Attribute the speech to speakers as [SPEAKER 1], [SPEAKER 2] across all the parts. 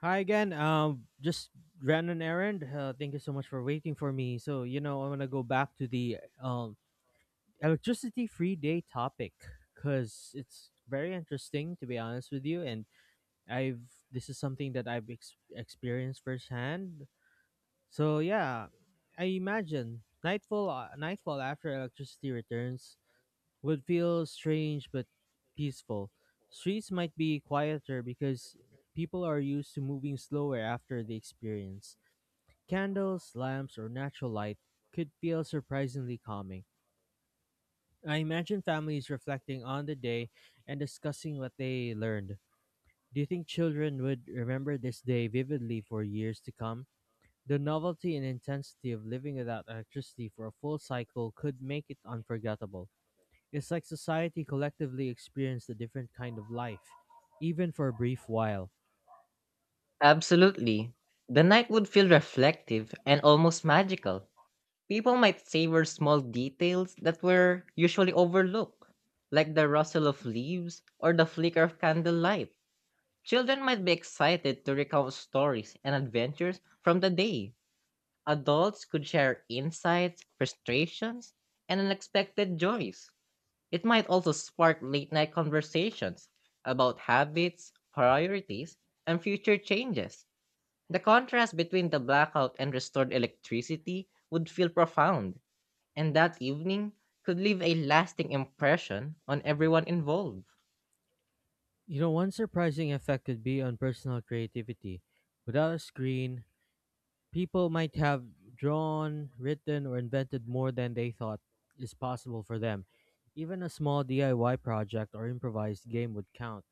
[SPEAKER 1] Hi again. Just ran an errand. Thank you so much for waiting for me. I'm gonna go back to the electricity free day topic because it's very interesting to be honest with you. And I've this is something that I've experienced firsthand. So yeah, I imagine nightfall. Nightfall after electricity returns would feel strange but peaceful. Streets might be quieter because people are used to moving slower after the experience. Candles, lamps, or natural light could feel surprisingly calming. I imagine families reflecting on the day and discussing what they learned. Do you think children would remember this day vividly for years to come? The novelty and intensity of living without electricity for a full cycle could make it unforgettable. It's like society collectively experienced a different kind of life, even for a brief while.
[SPEAKER 2] Absolutely. The night would feel reflective and almost magical. People might savor small details that were usually overlooked, like the rustle of leaves or the flicker of candlelight. Children might be excited to recount stories and adventures from the day. Adults could share insights, frustrations, and unexpected joys. It might also spark late night conversations about habits, priorities, and future changes. The contrast between the blackout and restored electricity would feel profound, and that evening could leave a lasting impression on everyone involved.
[SPEAKER 1] You know, one surprising effect could be on personal creativity. Without a screen, people might have drawn, written, or invented more than they thought is possible for them. Even a small DIY project or improvised game would count.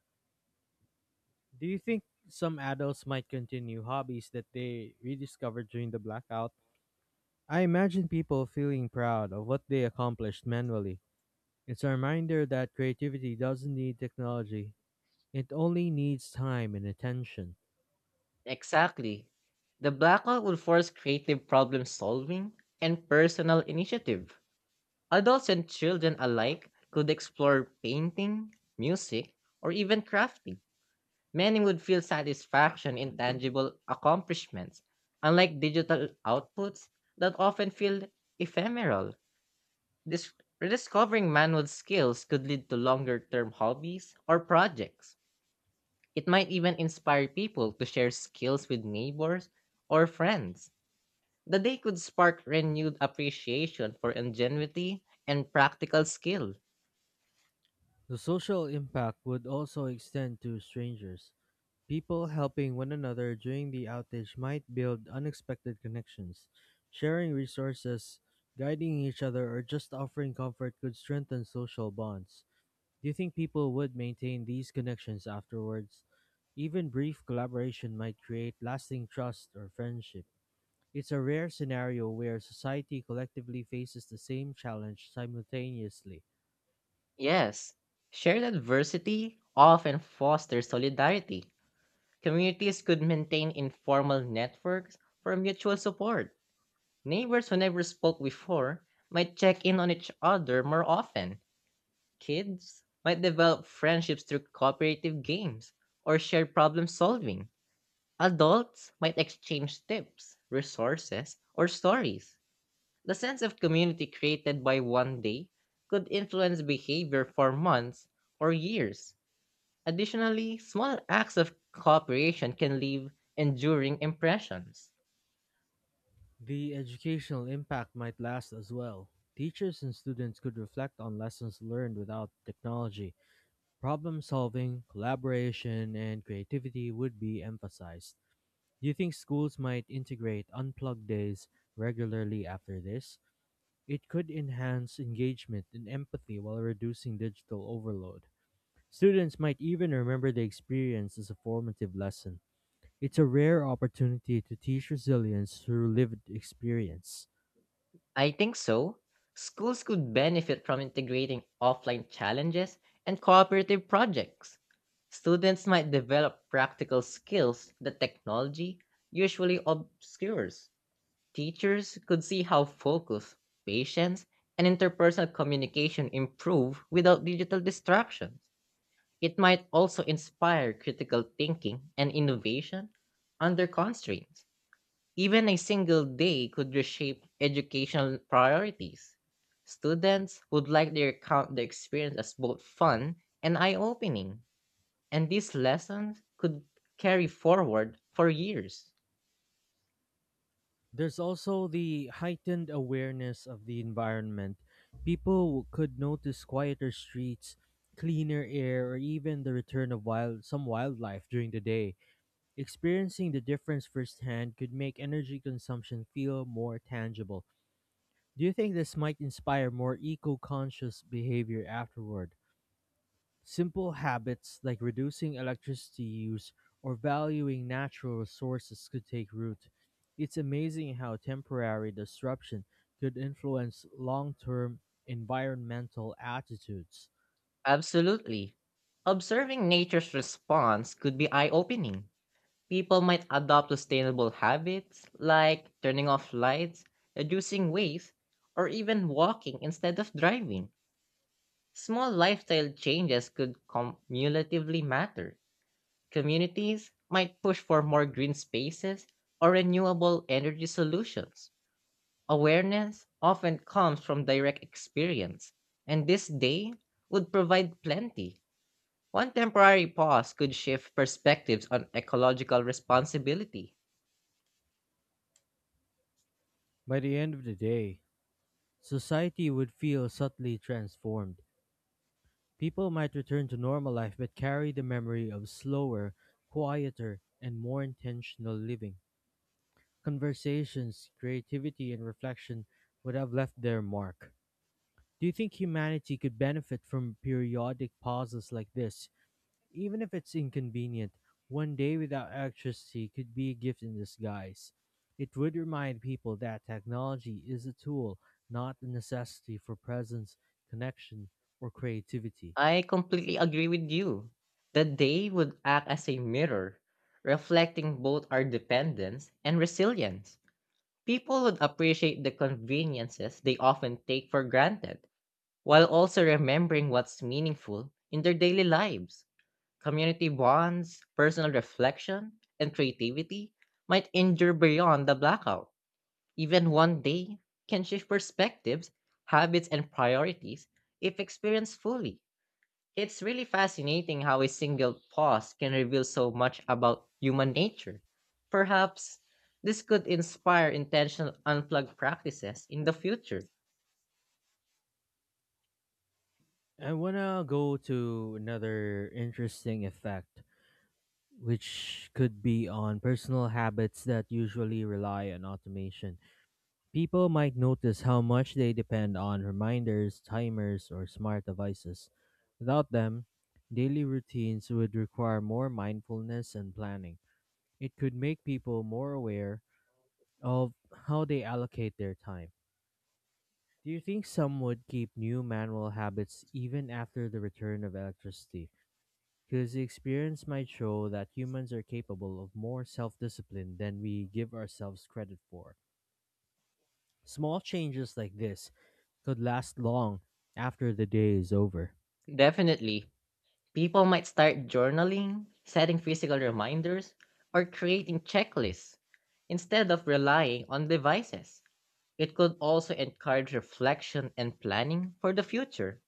[SPEAKER 1] Do you think some adults might continue hobbies that they rediscovered during the blackout? I imagine people feeling proud of what they accomplished manually. It's a reminder that creativity doesn't need technology, it only needs time and attention.
[SPEAKER 2] Exactly. The blackout would force creative problem solving and personal initiative. Adults and children alike could explore painting, music, or even crafting. Many would feel satisfaction in tangible accomplishments, unlike digital outputs that often feel ephemeral. Dis- Rediscovering manual skills could lead to longer term hobbies or projects. It might even inspire people to share skills with neighbors or friends. The day could spark renewed appreciation for ingenuity and practical skill.
[SPEAKER 1] The social impact would also extend to strangers. People helping one another during the outage might build unexpected connections. Sharing resources, guiding each other, or just offering comfort could strengthen social bonds. Do you think people would maintain these connections afterwards? Even brief collaboration might create lasting trust or friendship. It's a rare scenario where society collectively faces the same challenge simultaneously.
[SPEAKER 2] Yes, shared adversity often fosters solidarity. Communities could maintain informal networks for mutual support. Neighbors who never spoke before might check in on each other more often. Kids might develop friendships through cooperative games or shared problem solving. Adults might exchange tips, resources, or stories. The sense of community created by one day could influence behavior for months or years. Additionally, small acts of cooperation can leave enduring impressions.
[SPEAKER 1] The educational impact might last as well. Teachers and students could reflect on lessons learned without technology. Problem solving, collaboration, and creativity would be emphasized. Do you think schools might integrate unplugged days regularly after this? It could enhance engagement and empathy while reducing digital overload. Students might even remember the experience as a formative lesson. It's a rare opportunity to teach resilience through lived experience.
[SPEAKER 2] I think so. Schools could benefit from integrating offline challenges and cooperative projects. Students might develop practical skills that technology usually obscures. Teachers could see how focus, patience, and interpersonal communication improve without digital distractions. It might also inspire critical thinking and innovation under constraints. Even a single day could reshape educational priorities. Students would likely recount the experience as both fun and eye opening, and these lessons could carry forward for years.
[SPEAKER 1] There's also the heightened awareness of the environment. People could notice quieter streets, cleaner air, or even the return of wild some wildlife during the day. Experiencing the difference firsthand could make energy consumption feel more tangible. Do you think this might inspire more eco-conscious behavior afterward? Simple habits like reducing electricity use or valuing natural resources could take root. It's amazing how temporary disruption could influence long term environmental attitudes.
[SPEAKER 2] Absolutely. Observing nature's response could be eye opening. People might adopt sustainable habits like turning off lights, reducing waste, or even walking instead of driving. Small lifestyle changes could cumulatively matter. Communities might push for more green spaces or renewable energy solutions. Awareness often comes from direct experience, and this day would provide plenty. One temporary pause could shift perspectives on ecological responsibility.
[SPEAKER 1] By the end of the day, society would feel subtly transformed. People might return to normal life but carry the memory of slower, quieter, and more intentional living. Conversations, creativity, and reflection would have left their mark. Do you think humanity could benefit from periodic pauses like this? Even if it's inconvenient, one day without electricity could be a gift in disguise. It would remind people that technology is a tool, not a necessity for presence, connection, or creativity.
[SPEAKER 2] I completely agree with you. The day would act as a mirror, reflecting both our dependence and resilience. People would appreciate the conveniences they often take for granted, while also remembering what's meaningful in their daily lives. Community bonds, personal reflection, and creativity might endure beyond the blackout. Even one day can shift perspectives, habits, and priorities if experienced fully. It's really fascinating how a single pause can reveal so much about human nature. Perhaps this could inspire intentional unplugged practices in the future.
[SPEAKER 1] I want to go to another interesting effect, which could be on personal habits that usually rely on automation. People might notice how much they depend on reminders, timers, or smart devices. Without them, daily routines would require more mindfulness and planning. It could make people more aware of how they allocate their time. Do you think some would keep new manual habits even after the return of electricity? Because the experience might show that humans are capable of more self discipline than we give ourselves credit for. Small changes like this could last long after the day is over.
[SPEAKER 2] Definitely, people might start journaling, setting physical reminders, or creating checklists instead of relying on devices. It could also encourage reflection and planning for the future.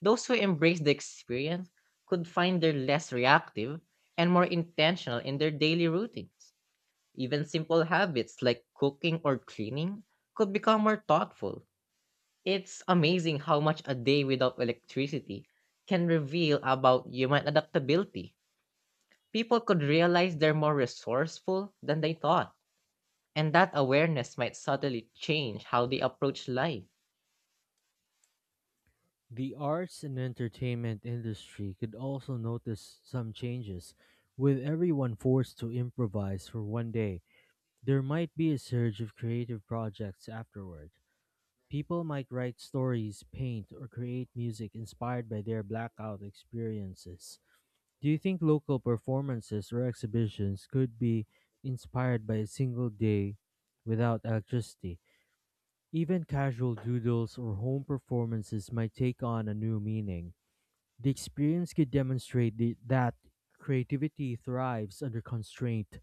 [SPEAKER 2] Those who embrace the experience could find they're less reactive and more intentional in their daily routines. Even simple habits like cooking or cleaning could become more thoughtful. It's amazing how much a day without electricity can reveal about human adaptability. People could realize they're more resourceful than they thought, and that awareness might subtly change how they approach life.
[SPEAKER 1] The arts and entertainment industry could also notice some changes. With everyone forced to improvise for one day, there might be a surge of creative projects afterward. People might write stories, paint, or create music inspired by their blackout experiences. Do you think local performances or exhibitions could be inspired by a single day without electricity? Even casual doodles or home performances might take on a new meaning. The experience could demonstrate that creativity thrives under constraint.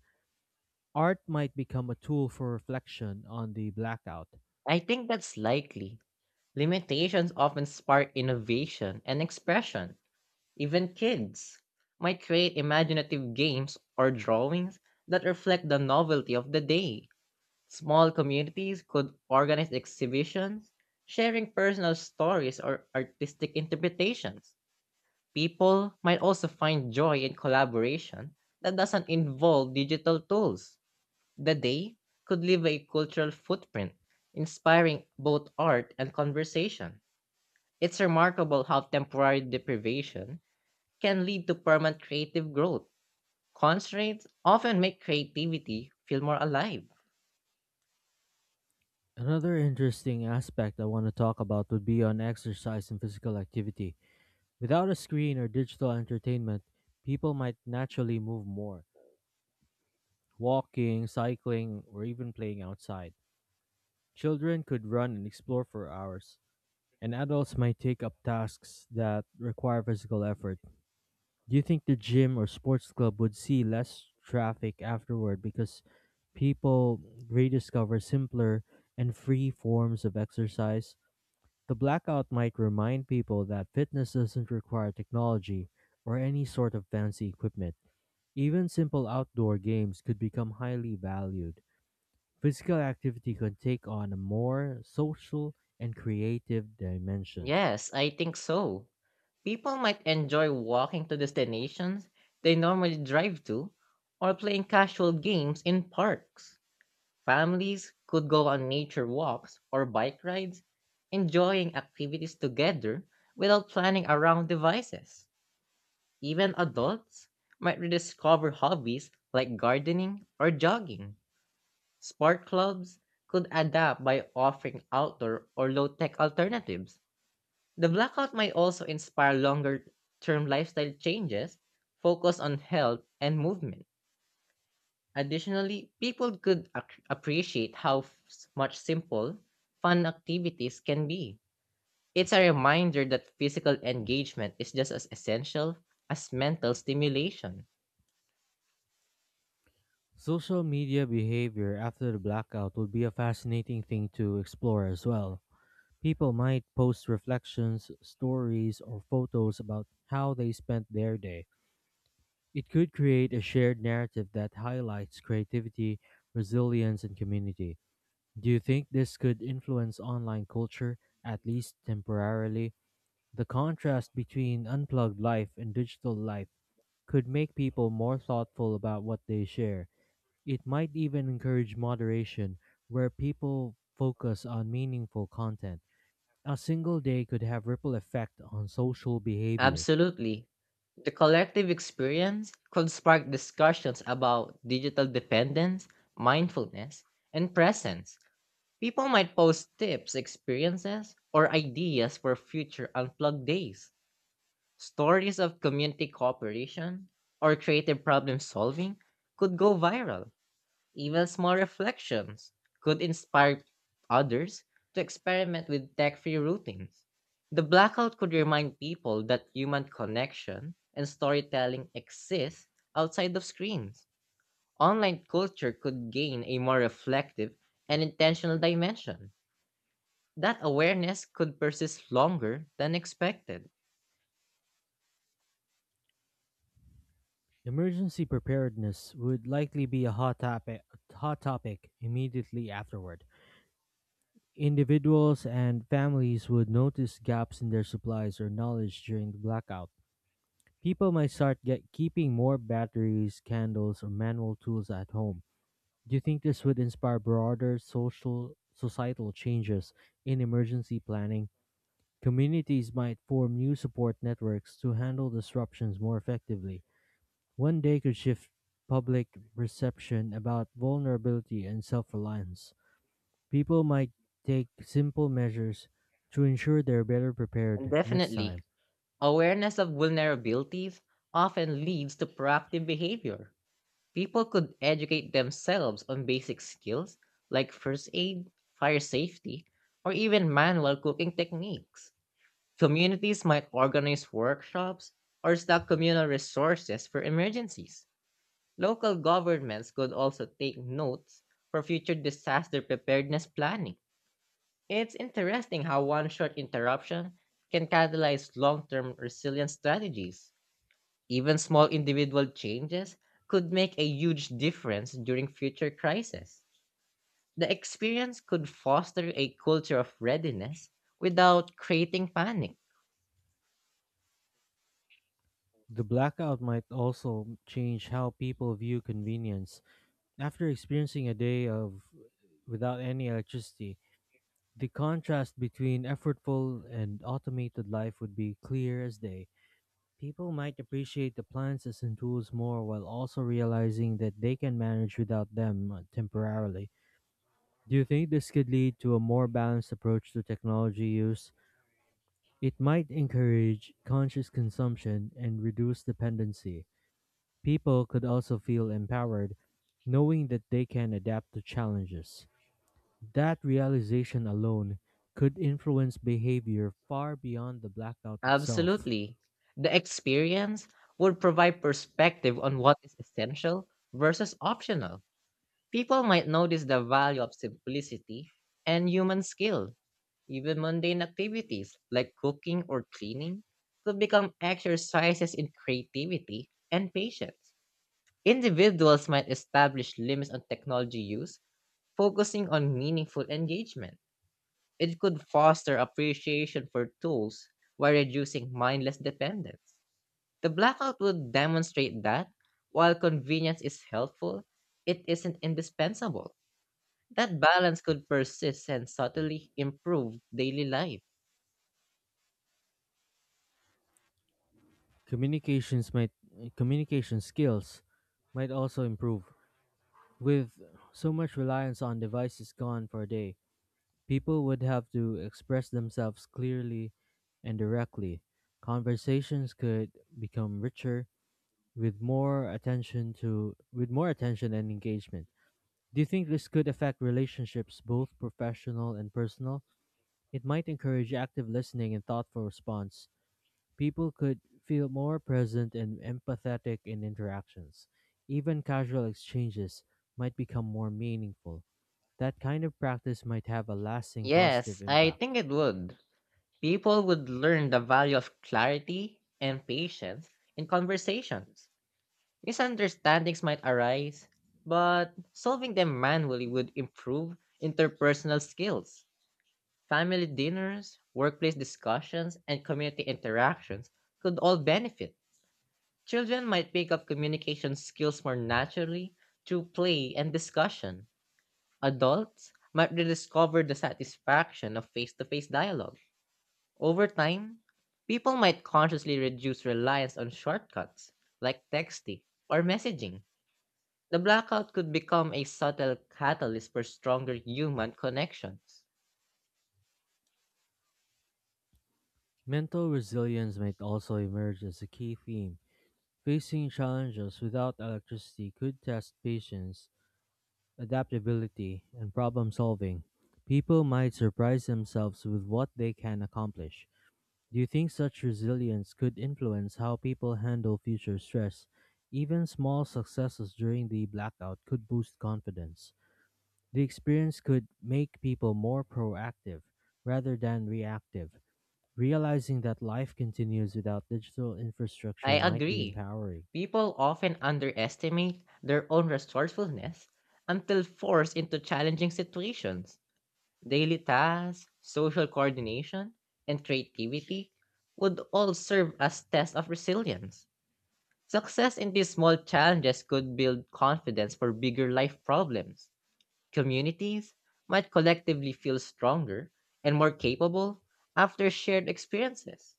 [SPEAKER 1] Art might become a tool for reflection on the blackout.
[SPEAKER 2] I think that's likely. Limitations often spark innovation and expression. Even kids might create imaginative games or drawings that reflect the novelty of the day. Small communities could organize exhibitions, sharing personal stories or artistic interpretations. People might also find joy in collaboration that doesn't involve digital tools. The day could leave a cultural footprint, inspiring both art and conversation. It's remarkable how temporary deprivation can lead to permanent creative growth. Constraints often make creativity feel more alive.
[SPEAKER 1] Another interesting aspect I want to talk about would be on exercise and physical activity. Without a screen or digital entertainment, people might naturally move more, walking, cycling, or even playing outside. Children could run and explore for hours and adults might take up tasks that require physical effort. Do you think the gym or sports club would see less traffic afterward because people rediscover simpler and free forms of exercise? The blackout might remind people that fitness doesn't require technology or any sort of fancy equipment. Even simple outdoor games could become highly valued. Physical activity could take on a more social and creative dimension.
[SPEAKER 2] Yes, I think so. People might enjoy walking to destinations they normally drive to or playing casual games in parks. Families could go on nature walks or bike rides, enjoying activities together without planning around devices. Even adults might rediscover hobbies like gardening or jogging. Sport clubs could adapt by offering outdoor or low tech alternatives. The blackout might also inspire longer term lifestyle changes focused on health and movement. Additionally, people could appreciate how much simple, fun activities can be. It's a reminder that physical engagement is just as essential as mental stimulation.
[SPEAKER 1] Social media behavior after the blackout would be a fascinating thing to explore as well. People might post reflections, stories, or photos about how they spent their day. It could create a shared narrative that highlights creativity, resilience, and community. Do you think this could influence online culture, at least temporarily? The contrast between unplugged life and digital life could make people more thoughtful about what they share. It might even encourage moderation, where people focus on meaningful content. A single day could have ripple effect on social behavior.
[SPEAKER 2] Absolutely. The collective experience could spark discussions about digital dependence, mindfulness, and presence. People might post tips, experiences, or ideas for future unplugged days. Stories of community cooperation or creative problem solving could go viral. Even small reflections could inspire others to experiment with tech free routines. The blackout could remind people that human connection and storytelling exist outside of screens. Online culture could gain a more reflective and intentional dimension. That awareness could persist longer than expected.
[SPEAKER 1] Emergency preparedness would likely be a hot topic, immediately afterward. Individuals and families would notice gaps in their supplies or knowledge during the blackout. People might start get keeping more batteries, candles, or manual tools at home. Do you think this would inspire broader social societal changes in emergency planning? Communities might form new support networks to handle disruptions more effectively. One day could shift public perception about vulnerability and self-reliance. People might take simple measures to ensure they're better
[SPEAKER 2] And
[SPEAKER 1] prepared next
[SPEAKER 2] definitely,
[SPEAKER 1] time.
[SPEAKER 2] awareness of vulnerabilities often leads to proactive behavior. People could educate themselves on basic skills like first aid, fire safety, or even manual cooking techniques. Communities might organize workshops or stock communal resources for emergencies. Local governments could also take notes for future disaster preparedness planning. It's interesting how one short interruption can catalyze long term resilience strategies. Even small individual changes could make a huge difference during future crises. The experience could foster a culture of readiness without creating panic.
[SPEAKER 1] The blackout might also change how people view convenience. After experiencing a day of without any electricity, the contrast between effortful and automated life would be clear as day. People might appreciate the plants and tools more while also realizing that they can manage without them temporarily. Do you think this could lead to a more balanced approach to technology use? It might encourage conscious consumption and reduce dependency. People could also feel empowered, knowing that they can adapt to challenges. That realization alone could influence behavior far beyond the blackout itself.
[SPEAKER 2] Absolutely. The experience would provide perspective on what is essential versus optional. People might notice the value of simplicity and human skill. Even mundane activities like cooking or cleaning could become exercises in creativity and patience. Individuals might establish limits on technology use, focusing on meaningful engagement. It could foster appreciation for tools while reducing mindless dependence. The blackout would demonstrate that while convenience is helpful, it isn't indispensable. That balance could persist and subtly improve daily life.
[SPEAKER 1] Communications might Communication skills might also improve. With so much reliance on devices gone for a day, people would have to express themselves clearly and directly. Conversations could become richer with more attention and engagement. Do you think this could affect relationships both professional and personal? It might encourage active listening and thoughtful response. People could feel more present and empathetic in interactions. Even casual exchanges might become more meaningful. That kind of practice might have a lasting positive
[SPEAKER 2] Yes, I
[SPEAKER 1] impact.
[SPEAKER 2] think it would. People would learn the value of clarity and patience in conversations. Misunderstandings might arise, but solving them manually would improve interpersonal skills. Family dinners, workplace discussions, and community interactions could all benefit. Children might pick up communication skills more naturally through play and discussion. Adults might rediscover the satisfaction of face to face dialogue. Over time, people might consciously reduce reliance on shortcuts like texting or messaging. The blackout could become a subtle catalyst for stronger human connections.
[SPEAKER 1] Mental resilience might also emerge as a key theme. Facing challenges without electricity could test patience, adaptability, and problem solving. People might surprise themselves with what they can accomplish. Do you think such resilience could influence how people handle future stress? Even small successes during the blackout could boost confidence. The experience could make people more proactive rather than reactive. Realizing that life continues without digital
[SPEAKER 2] I
[SPEAKER 1] infrastructure might be
[SPEAKER 2] agree.
[SPEAKER 1] empowering.
[SPEAKER 2] People often underestimate their own resourcefulness until forced into challenging situations. Daily tasks, social coordination, and creativity would all serve as tests of resilience. Success in these small challenges could build confidence for bigger life problems. Communities might collectively feel stronger and more capable after shared experiences.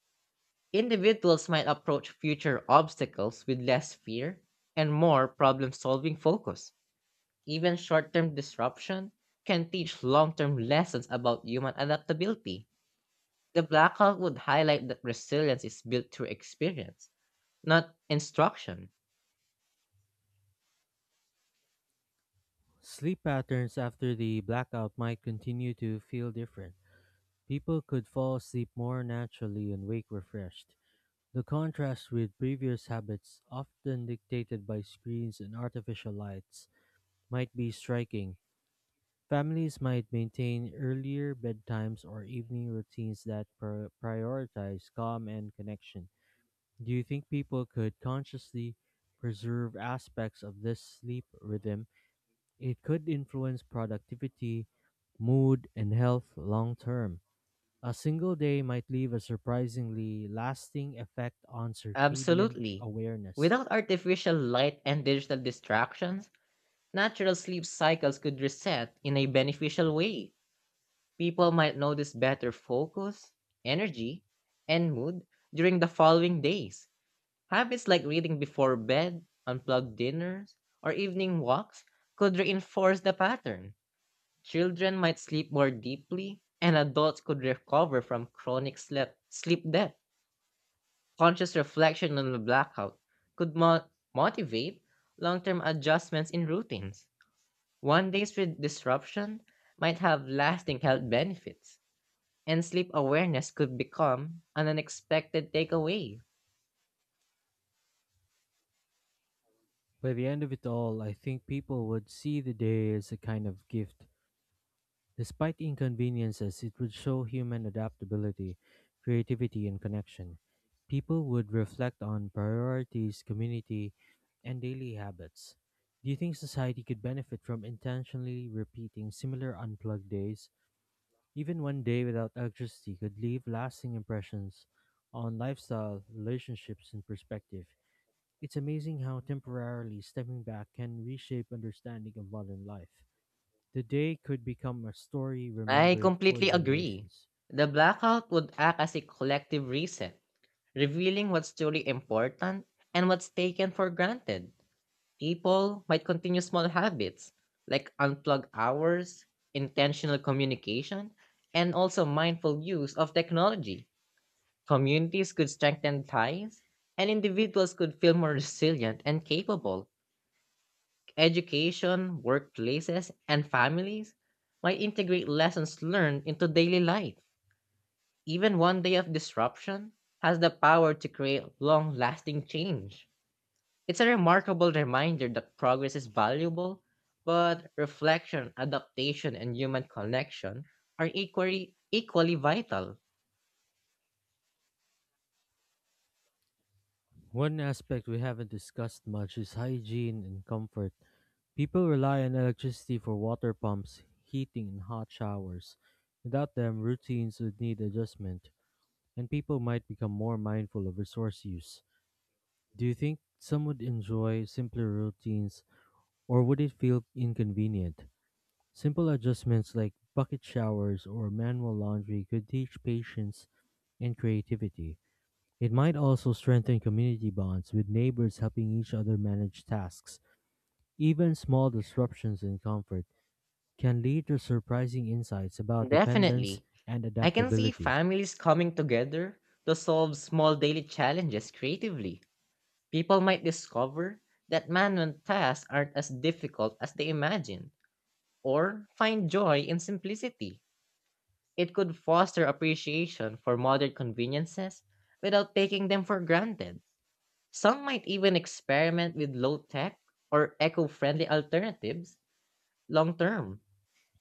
[SPEAKER 2] Individuals might approach future obstacles with less fear and more problem solving focus. Even short term disruption can teach long term lessons about human adaptability. The blackout would highlight that resilience is built through experience, not instruction.
[SPEAKER 1] Sleep patterns after the blackout might continue to feel different. People could fall asleep more naturally and wake refreshed. The contrast with previous habits, often dictated by screens and artificial lights, might be striking. Families might maintain earlier bedtimes or evening routines that prioritize calm and connection. Do you think people could consciously preserve aspects of this sleep rhythm? It could influence productivity, mood, and health long term. A single day might leave a surprisingly lasting effect on circadian
[SPEAKER 2] Absolutely.
[SPEAKER 1] awareness.
[SPEAKER 2] Without artificial light and digital distractions, natural sleep cycles could reset in a beneficial way. People might notice better focus, energy, and mood during the following days. Habits like reading before bed, unplugged dinners, or evening walks could reinforce the pattern. Children might sleep more deeply, and adults could recover from chronic sleep debt. Conscious reflection on the blackout could motivate long term adjustments in routines. One day's disruption might have lasting health benefits, and sleep awareness could become an unexpected takeaway.
[SPEAKER 1] By the end of it all, I think people would see the day as a kind of gift. Despite inconveniences, it would show human adaptability, creativity, and connection. People would reflect on priorities, community, and daily habits. Do you think society could benefit from intentionally repeating similar unplugged days? Even one day without electricity could leave lasting impressions on lifestyle, relationships, and perspective. It's amazing how temporarily stepping back can reshape understanding of modern life. The day could become a story
[SPEAKER 2] I
[SPEAKER 1] remembered for
[SPEAKER 2] completely agree.
[SPEAKER 1] generations.
[SPEAKER 2] The blackout would act as a collective reset, revealing what's truly important and what's taken for granted. People might continue small habits like unplug hours, intentional communication, and also mindful use of technology. Communities could strengthen ties, and individuals could feel more resilient and capable. Education, workplaces, and families might integrate lessons learned into daily life. Even one day of disruption has the power to create long lasting change. It's a remarkable reminder that progress is valuable, but reflection, adaptation, and human connection are equally vital.
[SPEAKER 1] One aspect we haven't discussed much is hygiene and comfort. People rely on electricity for water pumps, heating, and hot showers. Without them, routines would need adjustment, and people might become more mindful of resource use. Do you think some would enjoy simpler routines or would it feel inconvenient? Simple adjustments like bucket showers or manual laundry could teach patience and creativity. It might also strengthen community bonds with neighbors helping each other manage tasks. Even small disruptions in comfort can lead to surprising insights about dependence
[SPEAKER 2] Definitely,
[SPEAKER 1] and
[SPEAKER 2] I can see
[SPEAKER 1] adaptability.
[SPEAKER 2] families coming together to solve small daily challenges creatively. People might discover that manual tasks aren't as difficult as they imagine, or find joy in simplicity. It could foster appreciation for modern conveniences without taking them for granted. Some might even experiment with low tech or eco friendly alternatives long term.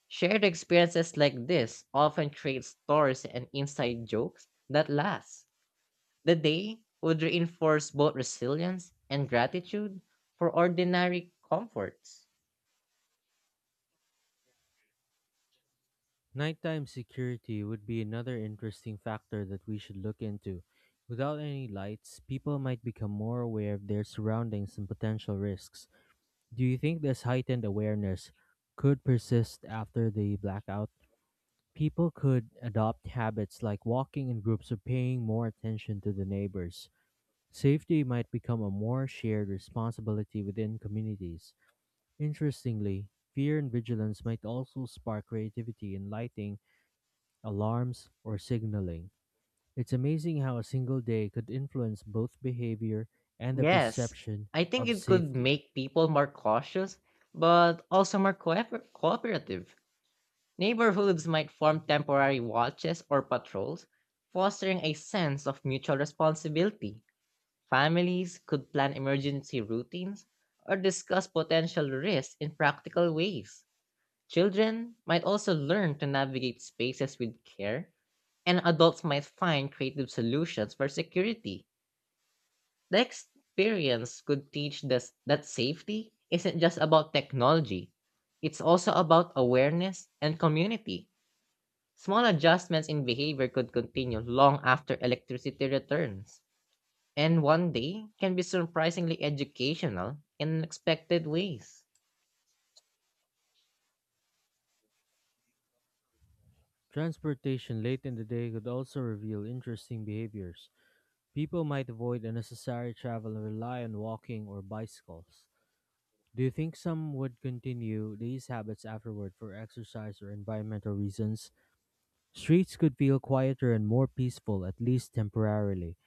[SPEAKER 2] Shared experiences like this often create stories and inside jokes that last. The day would reinforce both resilience and gratitude for ordinary comforts.
[SPEAKER 1] Nighttime security would be another interesting factor that we should look into. Without any lights, people might become more aware of their surroundings and potential risks. Do you think this heightened awareness could persist after the blackout? People could adopt habits like walking in groups or paying more attention to the neighbors. Safety might become a more shared responsibility within communities. Interestingly, fear and vigilance might also spark creativity and lighting, alarms, or signaling. It's amazing how a single day could influence both behavior and the
[SPEAKER 2] Yes,
[SPEAKER 1] perception
[SPEAKER 2] I think
[SPEAKER 1] of
[SPEAKER 2] it could
[SPEAKER 1] safety.
[SPEAKER 2] make people more cautious, but also more cooperative. Neighborhoods might form temporary watches or patrols, fostering a sense of mutual responsibility. Families could plan emergency routines or discuss potential risks in practical ways. Children might also learn to navigate spaces with care, and adults might find creative solutions for security. The experience could teach us that safety isn't just about technology, it's also about awareness and community. Small adjustments in behavior could continue long after electricity returns, and one day can be surprisingly educational in unexpected ways.
[SPEAKER 1] Transportation late in the day could also reveal interesting behaviors. People might avoid unnecessary travel and rely on walking or bicycles. Do you think some would continue these habits afterward for exercise or environmental reasons? Streets could feel quieter and more peaceful, at least temporarily.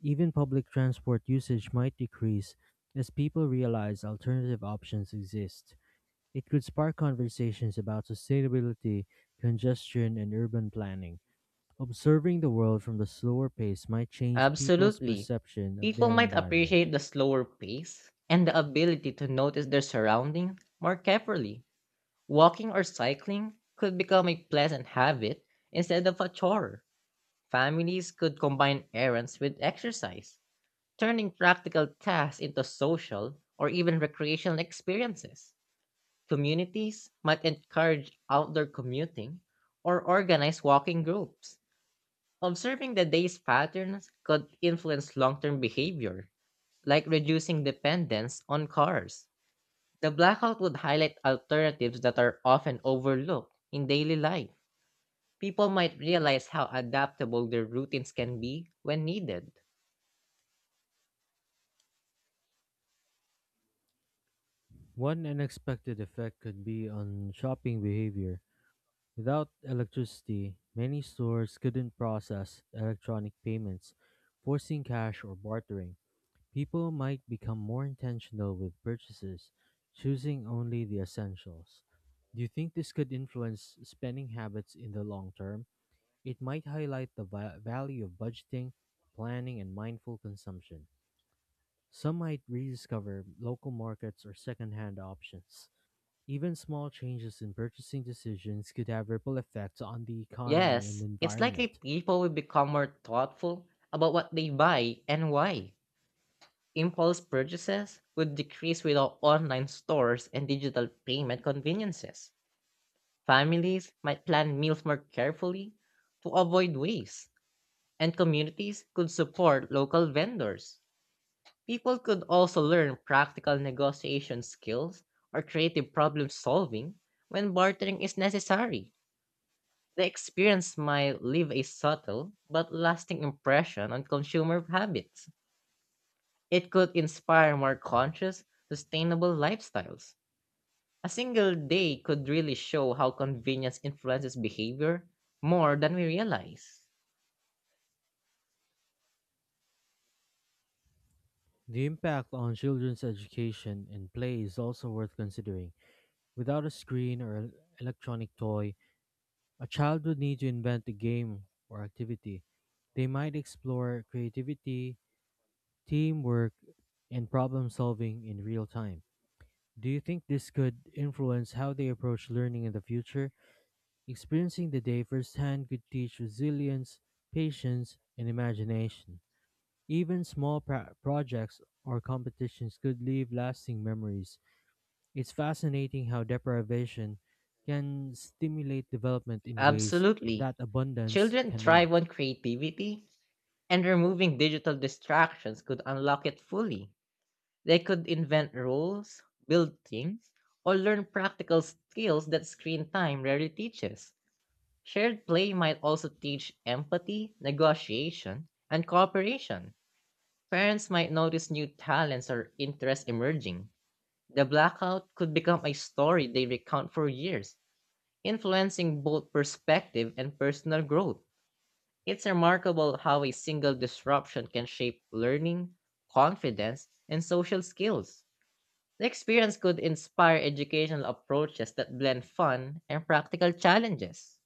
[SPEAKER 1] Even public transport usage might decrease as people realize alternative options exist. It could spark conversations about sustainability, congestion, and urban planning. Observing the world from the slower pace might change people's
[SPEAKER 2] Absolutely.
[SPEAKER 1] perception of
[SPEAKER 2] People
[SPEAKER 1] their
[SPEAKER 2] might
[SPEAKER 1] environment.
[SPEAKER 2] appreciate the slower pace and the ability to notice their surroundings more carefully. Walking or cycling could become a pleasant habit instead of a chore. Families could combine errands with exercise, turning practical tasks into social or even recreational experiences. Communities might encourage outdoor commuting or organize walking groups. Observing the day's patterns could influence long term behavior, like reducing dependence on cars. The blackout would highlight alternatives that are often overlooked in daily life. People might realize how adaptable their routines can be when needed.
[SPEAKER 1] One unexpected effect could be on shopping behavior. Without electricity, many stores couldn't process electronic payments, forcing cash or bartering. People might become more intentional with purchases, choosing only the essentials. Do you think this could influence spending habits in the long term? It might highlight the value of budgeting, planning, and mindful consumption. Some might rediscover local markets or secondhand options. Even small changes in purchasing decisions could have ripple effects on the economy and
[SPEAKER 2] Yes, it's likely
[SPEAKER 1] environment.
[SPEAKER 2] people will become more thoughtful about what they buy and why. Impulse purchases would decrease without online stores and digital payment conveniences. Families might plan meals more carefully to avoid waste, and communities could support local vendors. People could also learn practical negotiation skills or creative problem solving when bartering is necessary. The experience might leave a subtle but lasting impression on consumer habits. It could inspire more conscious, sustainable lifestyles. A single day could really show how convenience influences behavior more than we realize.
[SPEAKER 1] The impact on children's education and play is also worth considering. Without a screen or an electronic toy, a child would need to invent a game or activity. They might explore creativity, teamwork, and problem solving in real time. Do you think this could influence how they approach learning in the future? Experiencing the day firsthand could teach resilience, patience, and imagination. Even small projects or competitions could leave lasting memories. It's fascinating how deprivation can stimulate development in ways
[SPEAKER 2] Absolutely.
[SPEAKER 1] that abundance
[SPEAKER 2] Children
[SPEAKER 1] cannot.
[SPEAKER 2] thrive on creativity, and removing digital distractions could unlock it fully. They could invent rules, build things, or learn practical skills that screen time rarely teaches. Shared play might also teach empathy, negotiation, and cooperation. Parents might notice new talents or interests emerging. The blackout could become a story they recount for years, influencing both perspective and personal growth. It's remarkable how a single disruption can shape learning, confidence, and social skills. The experience could inspire educational approaches that blend fun and practical challenges.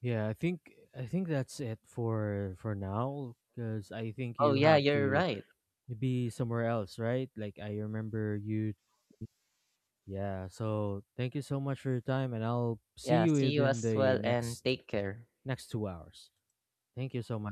[SPEAKER 1] Yeah, I think that's it for now because I think
[SPEAKER 2] Oh,
[SPEAKER 1] you
[SPEAKER 2] yeah,
[SPEAKER 1] have
[SPEAKER 2] you're
[SPEAKER 1] to
[SPEAKER 2] right.
[SPEAKER 1] be somewhere else, right? Like I remember you. Yeah, so thank you so much for your time and I'll see
[SPEAKER 2] Yeah,
[SPEAKER 1] you
[SPEAKER 2] see you
[SPEAKER 1] within
[SPEAKER 2] as
[SPEAKER 1] the
[SPEAKER 2] well and take care.
[SPEAKER 1] next 2 hours. Thank you so much.